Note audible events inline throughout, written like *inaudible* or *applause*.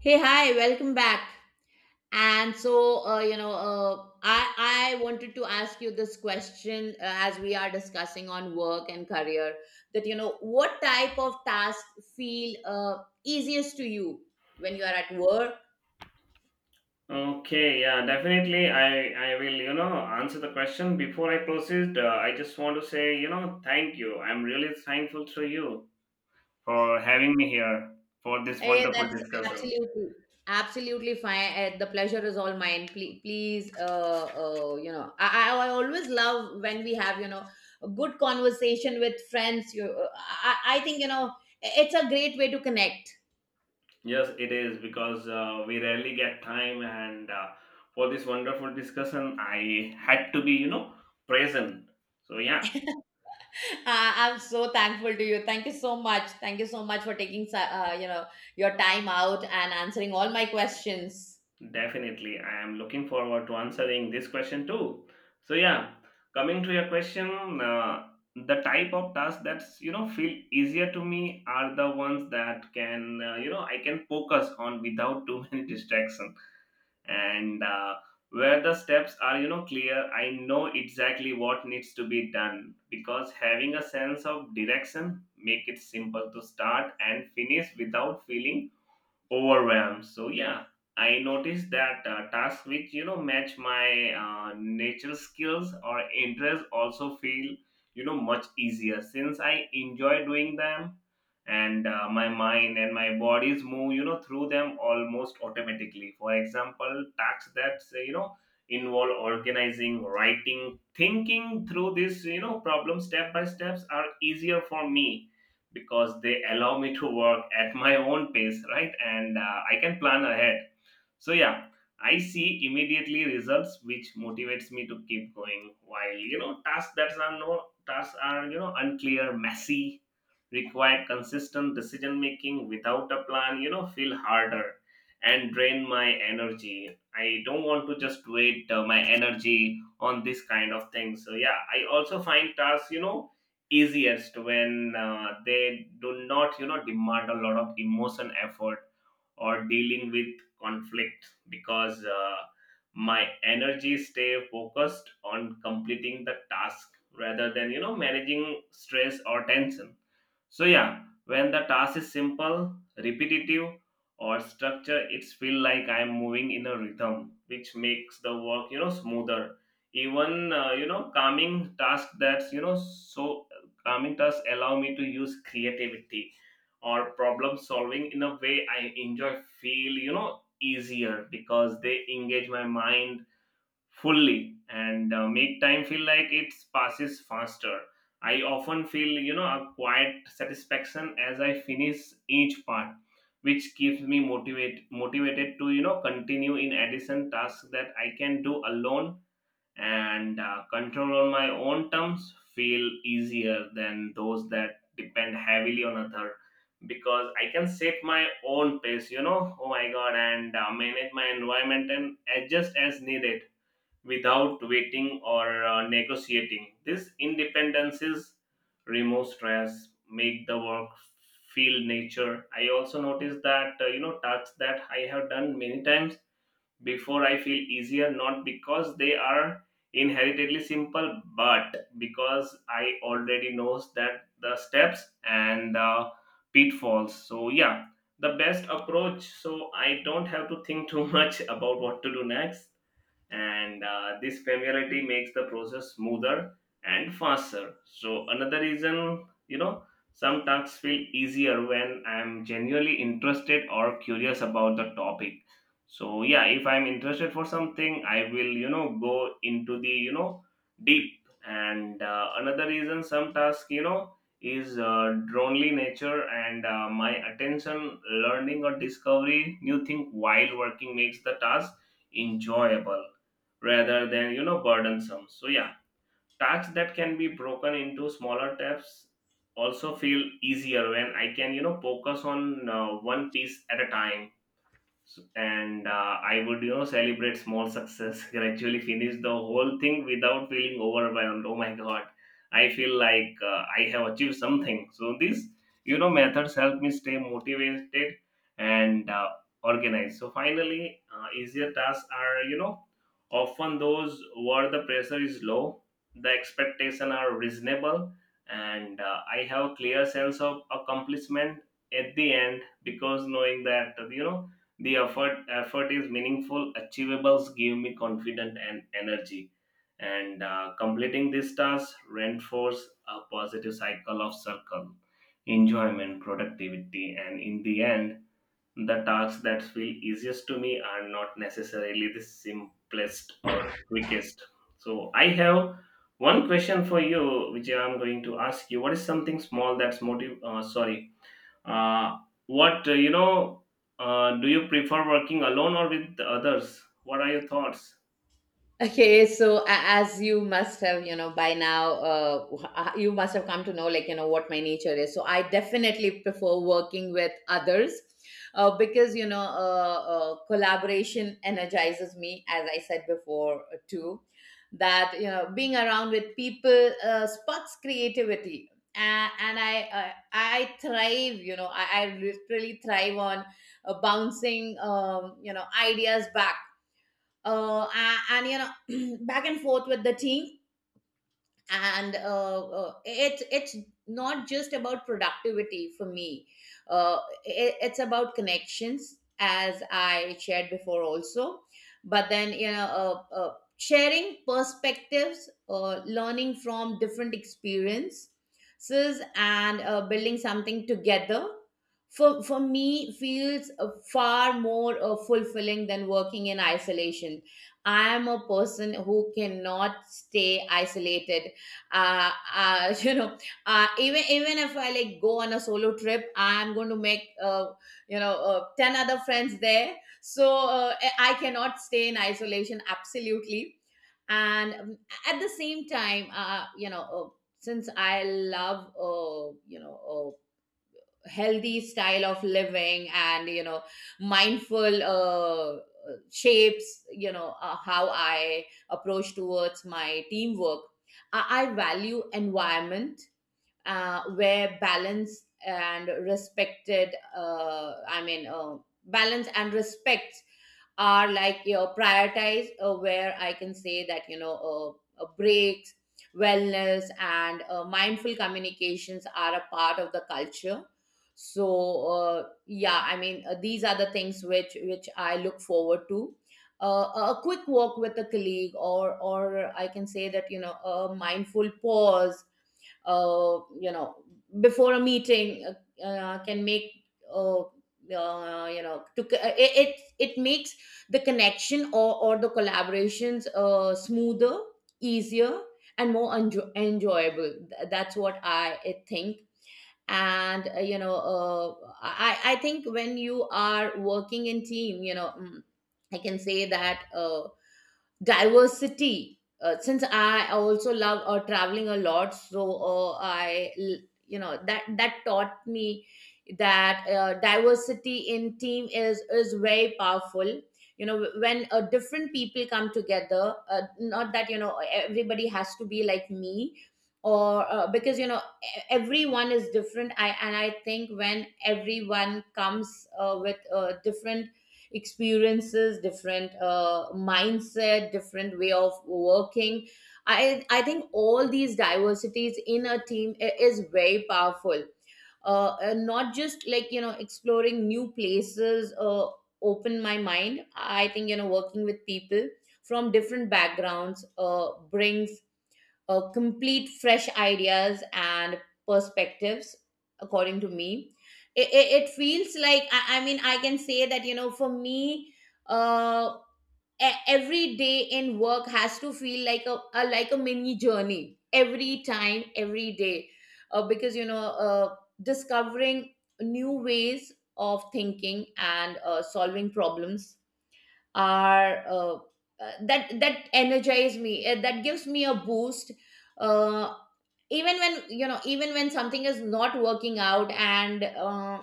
Hey, hi, welcome back. And so, you know, I wanted to ask you this question as we are discussing on work and career. What type of tasks feel easiest to you when you are at work? Okay, yeah, definitely. I will, answer the question. Before I proceed, I just want to say, thank you. I'm really thankful to you for having me here for this Hey, wonderful that's discussion. absolutely absolutely fine. The pleasure is all mine. Please, please, I always love when we have a good conversation with friends. I think it's a great way to connect. Yes, it is because we rarely get time, and for this wonderful discussion, I had to be, present. So yeah. I'm so thankful to you. Thank you so much. Thank you so much for taking, your time out and answering all my questions. Definitely. I am looking forward to answering this question too. So yeah, coming to your question, the type of tasks that's feel easier to me are the ones that can I can focus on without too many *laughs* distraction and where the steps are clear. I know exactly what needs to be done because having a sense of direction make it simple to start and finish without feeling overwhelmed. So yeah, I noticed that tasks which match my nature skills or interests also feel much easier since I enjoy doing them, and my mind and my bodies move through them almost automatically. For example, tasks that say, involve organizing, writing, thinking through this problem step by steps are easier for me because they allow me to work at my own pace, right? And I can plan ahead. So, yeah, I see immediately results, which motivates me to keep going. While tasks that are no tasks are unclear, messy, require consistent decision making without a plan feel harder and drain my energy. I don't want to just wait my energy on this kind of thing. So yeah, I also find tasks easiest when they do not demand a lot of emotion effort or dealing with conflict because my energy stay focused on completing the task rather than managing stress or tension. So yeah, when the task is simple, repetitive, or structure, it's feel like I'm moving in a rhythm, which makes the work smoother. Even you know calming task that's you know so Calming tasks allow me to use creativity or problem solving in a way I enjoy feel easier because they engage my mind fully and make time feel like it passes faster. I often feel a quiet satisfaction as I finish each part, which keeps me motivated to continue. In addition, tasks that I can do alone and control on my own terms feel easier than those that depend heavily on other, because I can set my own pace, oh my god, and manage my environment and adjust as needed without waiting or negotiating. This independences remove stress, make the work feel nature. I also noticed that tasks that I have done many times before I feel easier, not because they are inherently simple, but because I already knows that the steps and the pitfalls. So yeah, the best approach. So I don't have to think too much *laughs* about what to do next, and this familiarity makes the process smoother and faster. So another reason, some tasks feel easier when I'm genuinely interested or curious about the topic. So yeah, if I'm interested for something I will go into the deep. And another reason some task is dronely nature, and my attention learning or discovery new thing while working makes the task enjoyable rather than burdensome. So yeah, tasks that can be broken into smaller steps also feel easier when I can focus on one piece at a time. And I would celebrate small success, *laughs* gradually finish the whole thing without feeling overwhelmed. Oh my god, I feel like I have achieved something. So these methods help me stay motivated and organized. So finally, easier tasks are often those where the pressure is low, the expectation are reasonable, and I have clear sense of accomplishment at the end, because knowing that the effort is meaningful. Achievables give me confidence and energy. And completing this task reinforces a positive cycle of circle, enjoyment, productivity, and in the end, the tasks that feel easiest to me are not necessarily the simplest or quickest. So I have one question for you, which I'm going to ask you. What is something small that's motive? Sorry, uh, what do you prefer working alone or with others? What are your thoughts? Okay, so as you must have, you know, by now, you must have come to know, like, you know, what my nature is. So I definitely prefer working with others because, collaboration energizes me, as I said before, too. That, you know, being around with people sparks creativity. And I thrive, you know, I literally thrive on bouncing, ideas back and you know *clears throat* back and forth with the team and it's not just about productivity for me, uh, it's about connections as I shared before also. But then sharing perspectives, learning from different experiences and building something together for me feels far more fulfilling than working in isolation. I am a person who cannot stay isolated, uh, uh *laughs* you know even even if I like go on a solo trip, I'm going to make 10 other friends there. So I cannot stay in isolation absolutely. And at the same time, since I love healthy style of living, and you know, mindful shapes how I approach towards my teamwork, I value environment where balance and respected, balance and respect are, like you know, prioritized, where I can say that breaks, wellness and mindful communications are a part of the culture. So yeah, I mean, these are the things which I look forward to: a quick walk with a colleague, or I can say that, you know, a mindful pause uh, you know before a meeting, can make, it it makes the connection or the collaborations smoother, easier and more enjoyable. That's what I think. And I think when you are working in team, you know, I can say that diversity, since I also love traveling a lot, so you know, that taught me that diversity in team is very powerful. You know, when different people come together, not that you know everybody has to be like me or because you know everyone is different. I And I think when everyone comes with different experiences, different mindset, different way of working, I think all these diversities in a team is very powerful. Not just like you know exploring new places open my mind. I think, you know, working with people from different backgrounds brings complete fresh ideas and perspectives. According to me, it feels like I mean, I can say that you know, for me, uh, every day in work has to feel like a like a mini journey, every time, every day, because you know discovering new ways of thinking and solving problems are, that energize me, that gives me a boost, uh, even when you know, even when something is not working out, and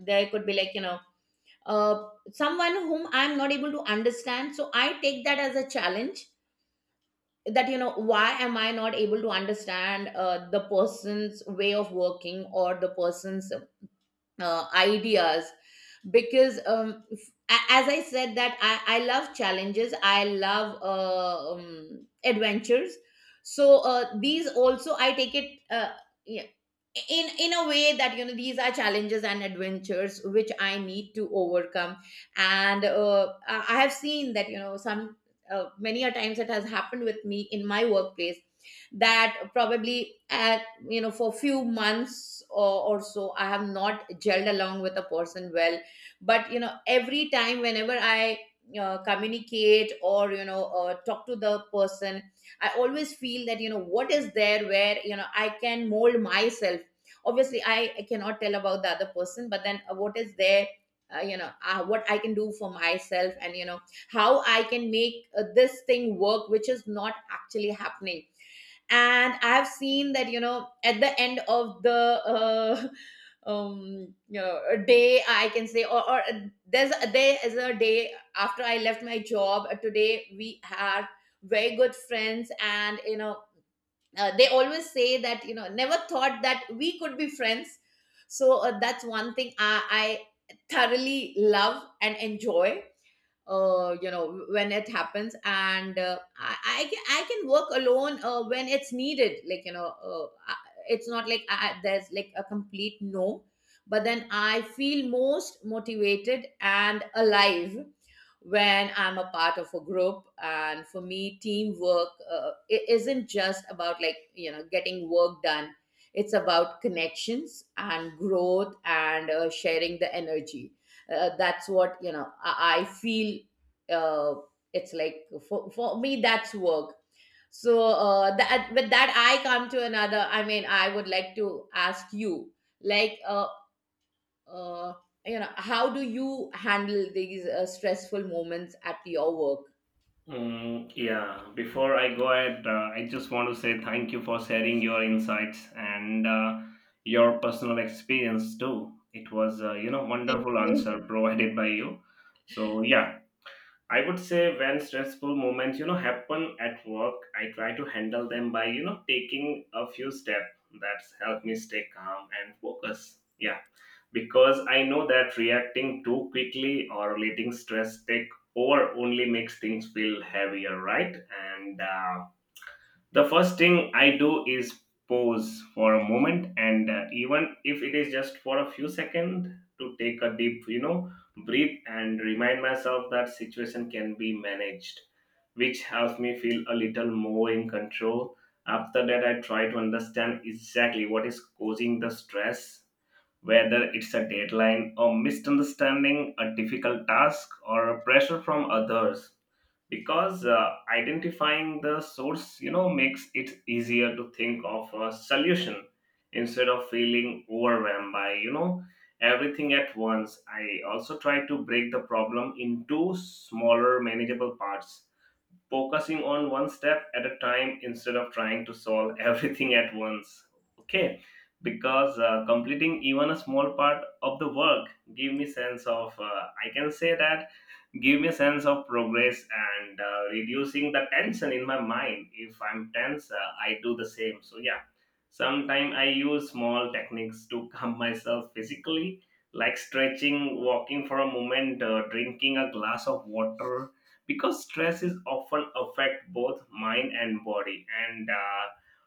there could be like you know someone whom I'm not able to understand, so I take that as a challenge, that you know why am I not able to understand the person's way of working, or the person's ideas, because as I said that I love challenges. I love adventures. So these also I take it, yeah, in a way that you know these are challenges and adventures which I need to overcome. And I have seen that, you know, some, many a times it has happened with me in my workplace, that probably at, you know, for few months or so, I have not gelled along with a person well. But you know, every time, whenever I communicate or you know talk to the person, I always feel that, you know, what is there where you know I can mold myself. Obviously I cannot tell about the other person, but then what is there, what I can do for myself, and you know, how I can make this thing work which is not actually happening. And I have seen that you know at the end of the *laughs* a day I can say, or there's there is a day after I left my job, today we are very good friends, and you know they always say that you know never thought that we could be friends. So that's one thing I thoroughly love and enjoy you know when it happens. And I can work alone when it's needed, like you know, it's not like there's like a complete no. But then I feel most motivated and alive when I'm a part of a group. And for me teamwork, it isn't just about like you know getting work done. It's about connections and growth and sharing the energy, that's what you know I feel. uh, it's like for me, that's work. So that with that I come to another, I mean, I would like to ask you, like uh, you know, how do you handle these stressful moments at your work? Mm, yeah, before I go ahead, I just want to say thank you for sharing your insights and your personal experience too. It was, Thank wonderful you. answer provided by you. So yeah, I would say when stressful moments, happen at work, I try to handle them by, taking a few steps that's helped me stay calm and focus. Yeah, because I know that reacting too quickly or letting stress take over only makes things feel heavier, right? And the first thing I do is pause for a moment, and even if it is just for a few seconds, to take a deep, breathe and remind myself that situation can be managed, which helps me feel a little more in control. After that, I try to understand exactly what is causing the stress, whether it's a deadline, a misunderstanding, a difficult task, or pressure from others. Because identifying the source, makes it easier to think of a solution instead of feeling overwhelmed by, everything at once. I also try to break the problem into smaller, manageable parts, focusing on one step at a time instead of trying to solve *laughs* everything at once. Okay, because completing even a small part of the work give me sense of I can say that give me sense of progress, and reducing the tension in my mind. If I'm tense, I do the same. So yeah, sometimes I use small techniques to *laughs* calm myself physically, like stretching, walking for a moment, drinking a glass of water, because stress is often affect both mind and body, and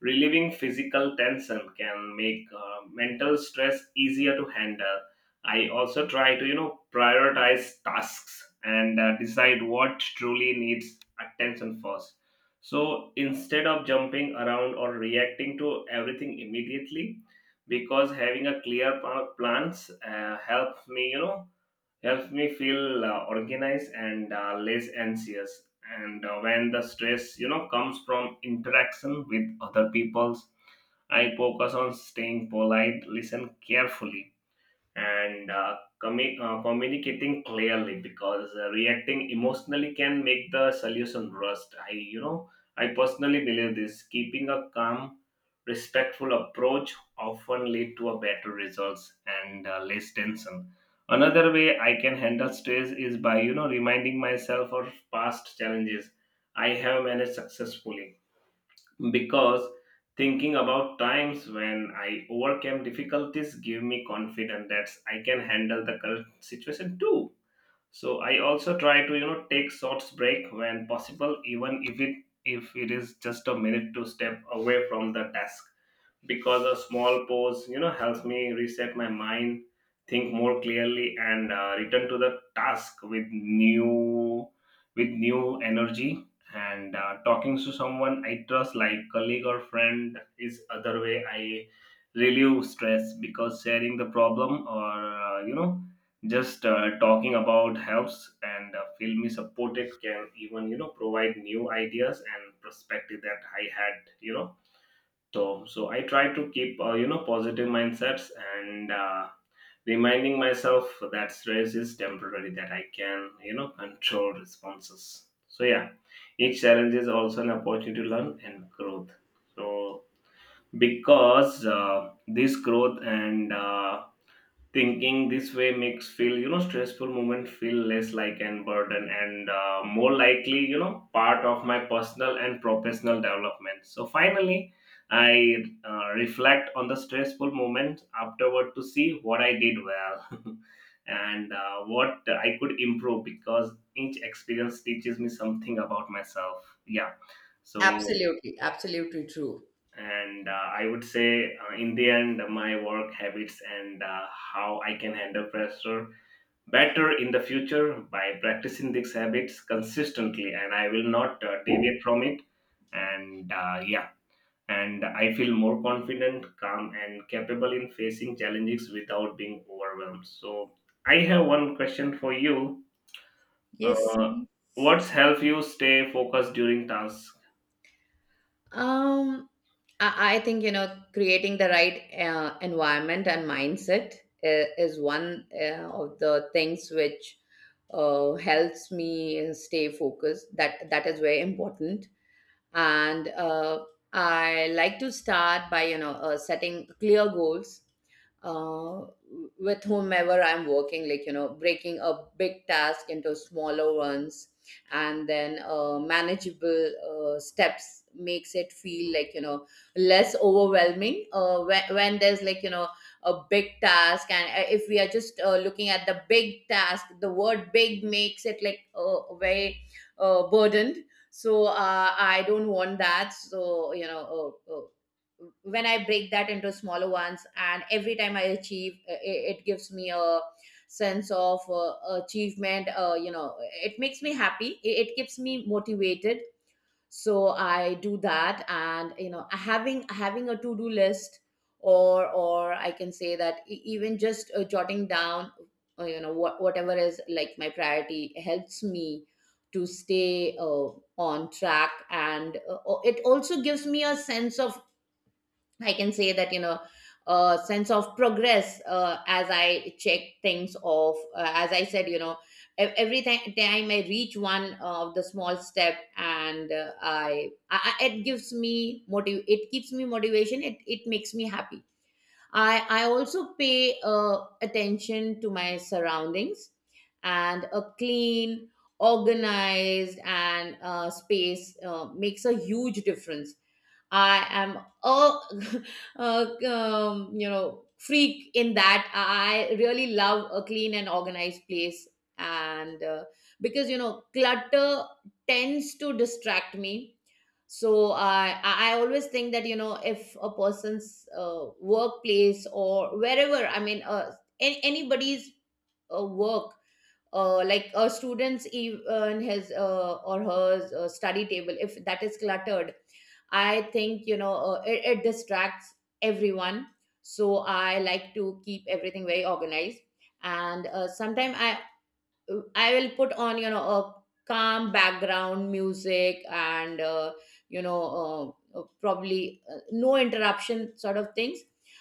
relieving physical tension can make mental stress easier to handle. I also try to, prioritize tasks and decide what truly needs attention first. So instead of jumping around or reacting to everything immediately, because having a clear pa- plans helps me, you know, helps me feel organized and less anxious. And when the stress, comes from interaction with other peoples, I focus on staying polite, listen carefully, and communicating clearly, because reacting emotionally can make the solution rust. I I personally believe this, keeping a calm respectful approach often lead to a better results and less tension. Another way I can handle stress is by reminding myself of past challenges I have managed successfully, because thinking about times when I overcame difficulties give me confidence that I can handle the current situation too. So I also try to take short break when possible, even if it is just a minute to step away from the task, because a small pause helps me reset my mind, think more clearly, and return to the task with new energy. And talking to someone I trust like colleague or friend is other way I relieve stress, because sharing the problem or just talking about helps, and feel me supported can even provide new ideas and perspective that I had, so, so I try to keep positive mindsets, and reminding myself that stress is temporary. That I can control responses. So yeah, each challenge is also an opportunity to learn and growth. So because this growth, and thinking this way makes feel stressful moment feel less like an burden, and more likely part of my personal and professional development. So finally, I reflect on the stressful moment afterward to see what I did well, *laughs* and what I could improve, because each experience teaches me something about myself, yeah. So, Absolutely absolutely true. and I would say in the end my work habits and how I can handle pressure better in the future by practicing these habits consistently, and I will not deviate from it. And yeah, and I feel more confident, calm, and capable in facing challenges without being overwhelmed. So I have one question for you. Yes. uh, what's help you stay focused during tasks? Um, I think you know creating the right environment and mindset is one of the things which helps me stay focused. That is very important. And I like to start by you know setting clear goals uh, with whomever I'm working, like you know, breaking a big task into smaller ones, and then manageable steps makes it feel like you know less overwhelming. When there's like you know a big task and if we are just looking at the big task, the word big makes it like very burdened. So I don't want that. So when I break that into smaller ones, and every time I achieve it gives me a sense of achievement, you know, it makes me happy, it keeps me motivated. So I do that. And you know, having a to do list, or I can say that even just jotting down you know what whatever is like my priority helps me to stay on track. And it also gives me a sense of, I can say that, you know, a sense of progress as I check things off. As I said, you know, time I reach one of the small step, and it gives me motive. It keeps me motivation. It makes me happy. I also pay attention to my surroundings, and a clean, organized, and space makes a huge difference. I am a, *laughs* a you know freak in that I really love a clean and organized place, and because you know clutter tends to distract me. So I always think that you know if a person's workplace, or wherever, I mean, anybody's work, like a student's, even his or her study table, if that is cluttered, I think you know it distracts everyone. So I like to keep everything very organized. And sometimes I will put on, you know, a calm background music, and, probably no interruption sort of things,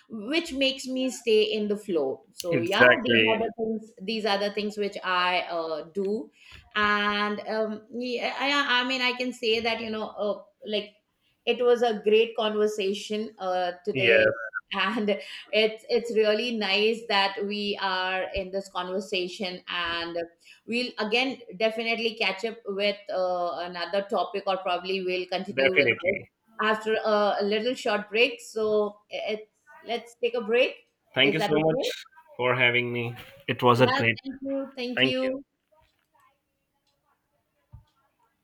which makes me stay in the flow. So yeah, these Exactly. are the things. These are the things which I do, and yeah, I mean, I can say that you know, like, it was a great conversation today, Yes, and it's really nice that we are in this conversation. And we'll again definitely catch up with another topic, or probably we'll continue with this definitely. after a little short break. So it's let's take a break. Thank Is you that so okay? much for having me. It was a Yeah. great. Thank you. Thank Thank you. you.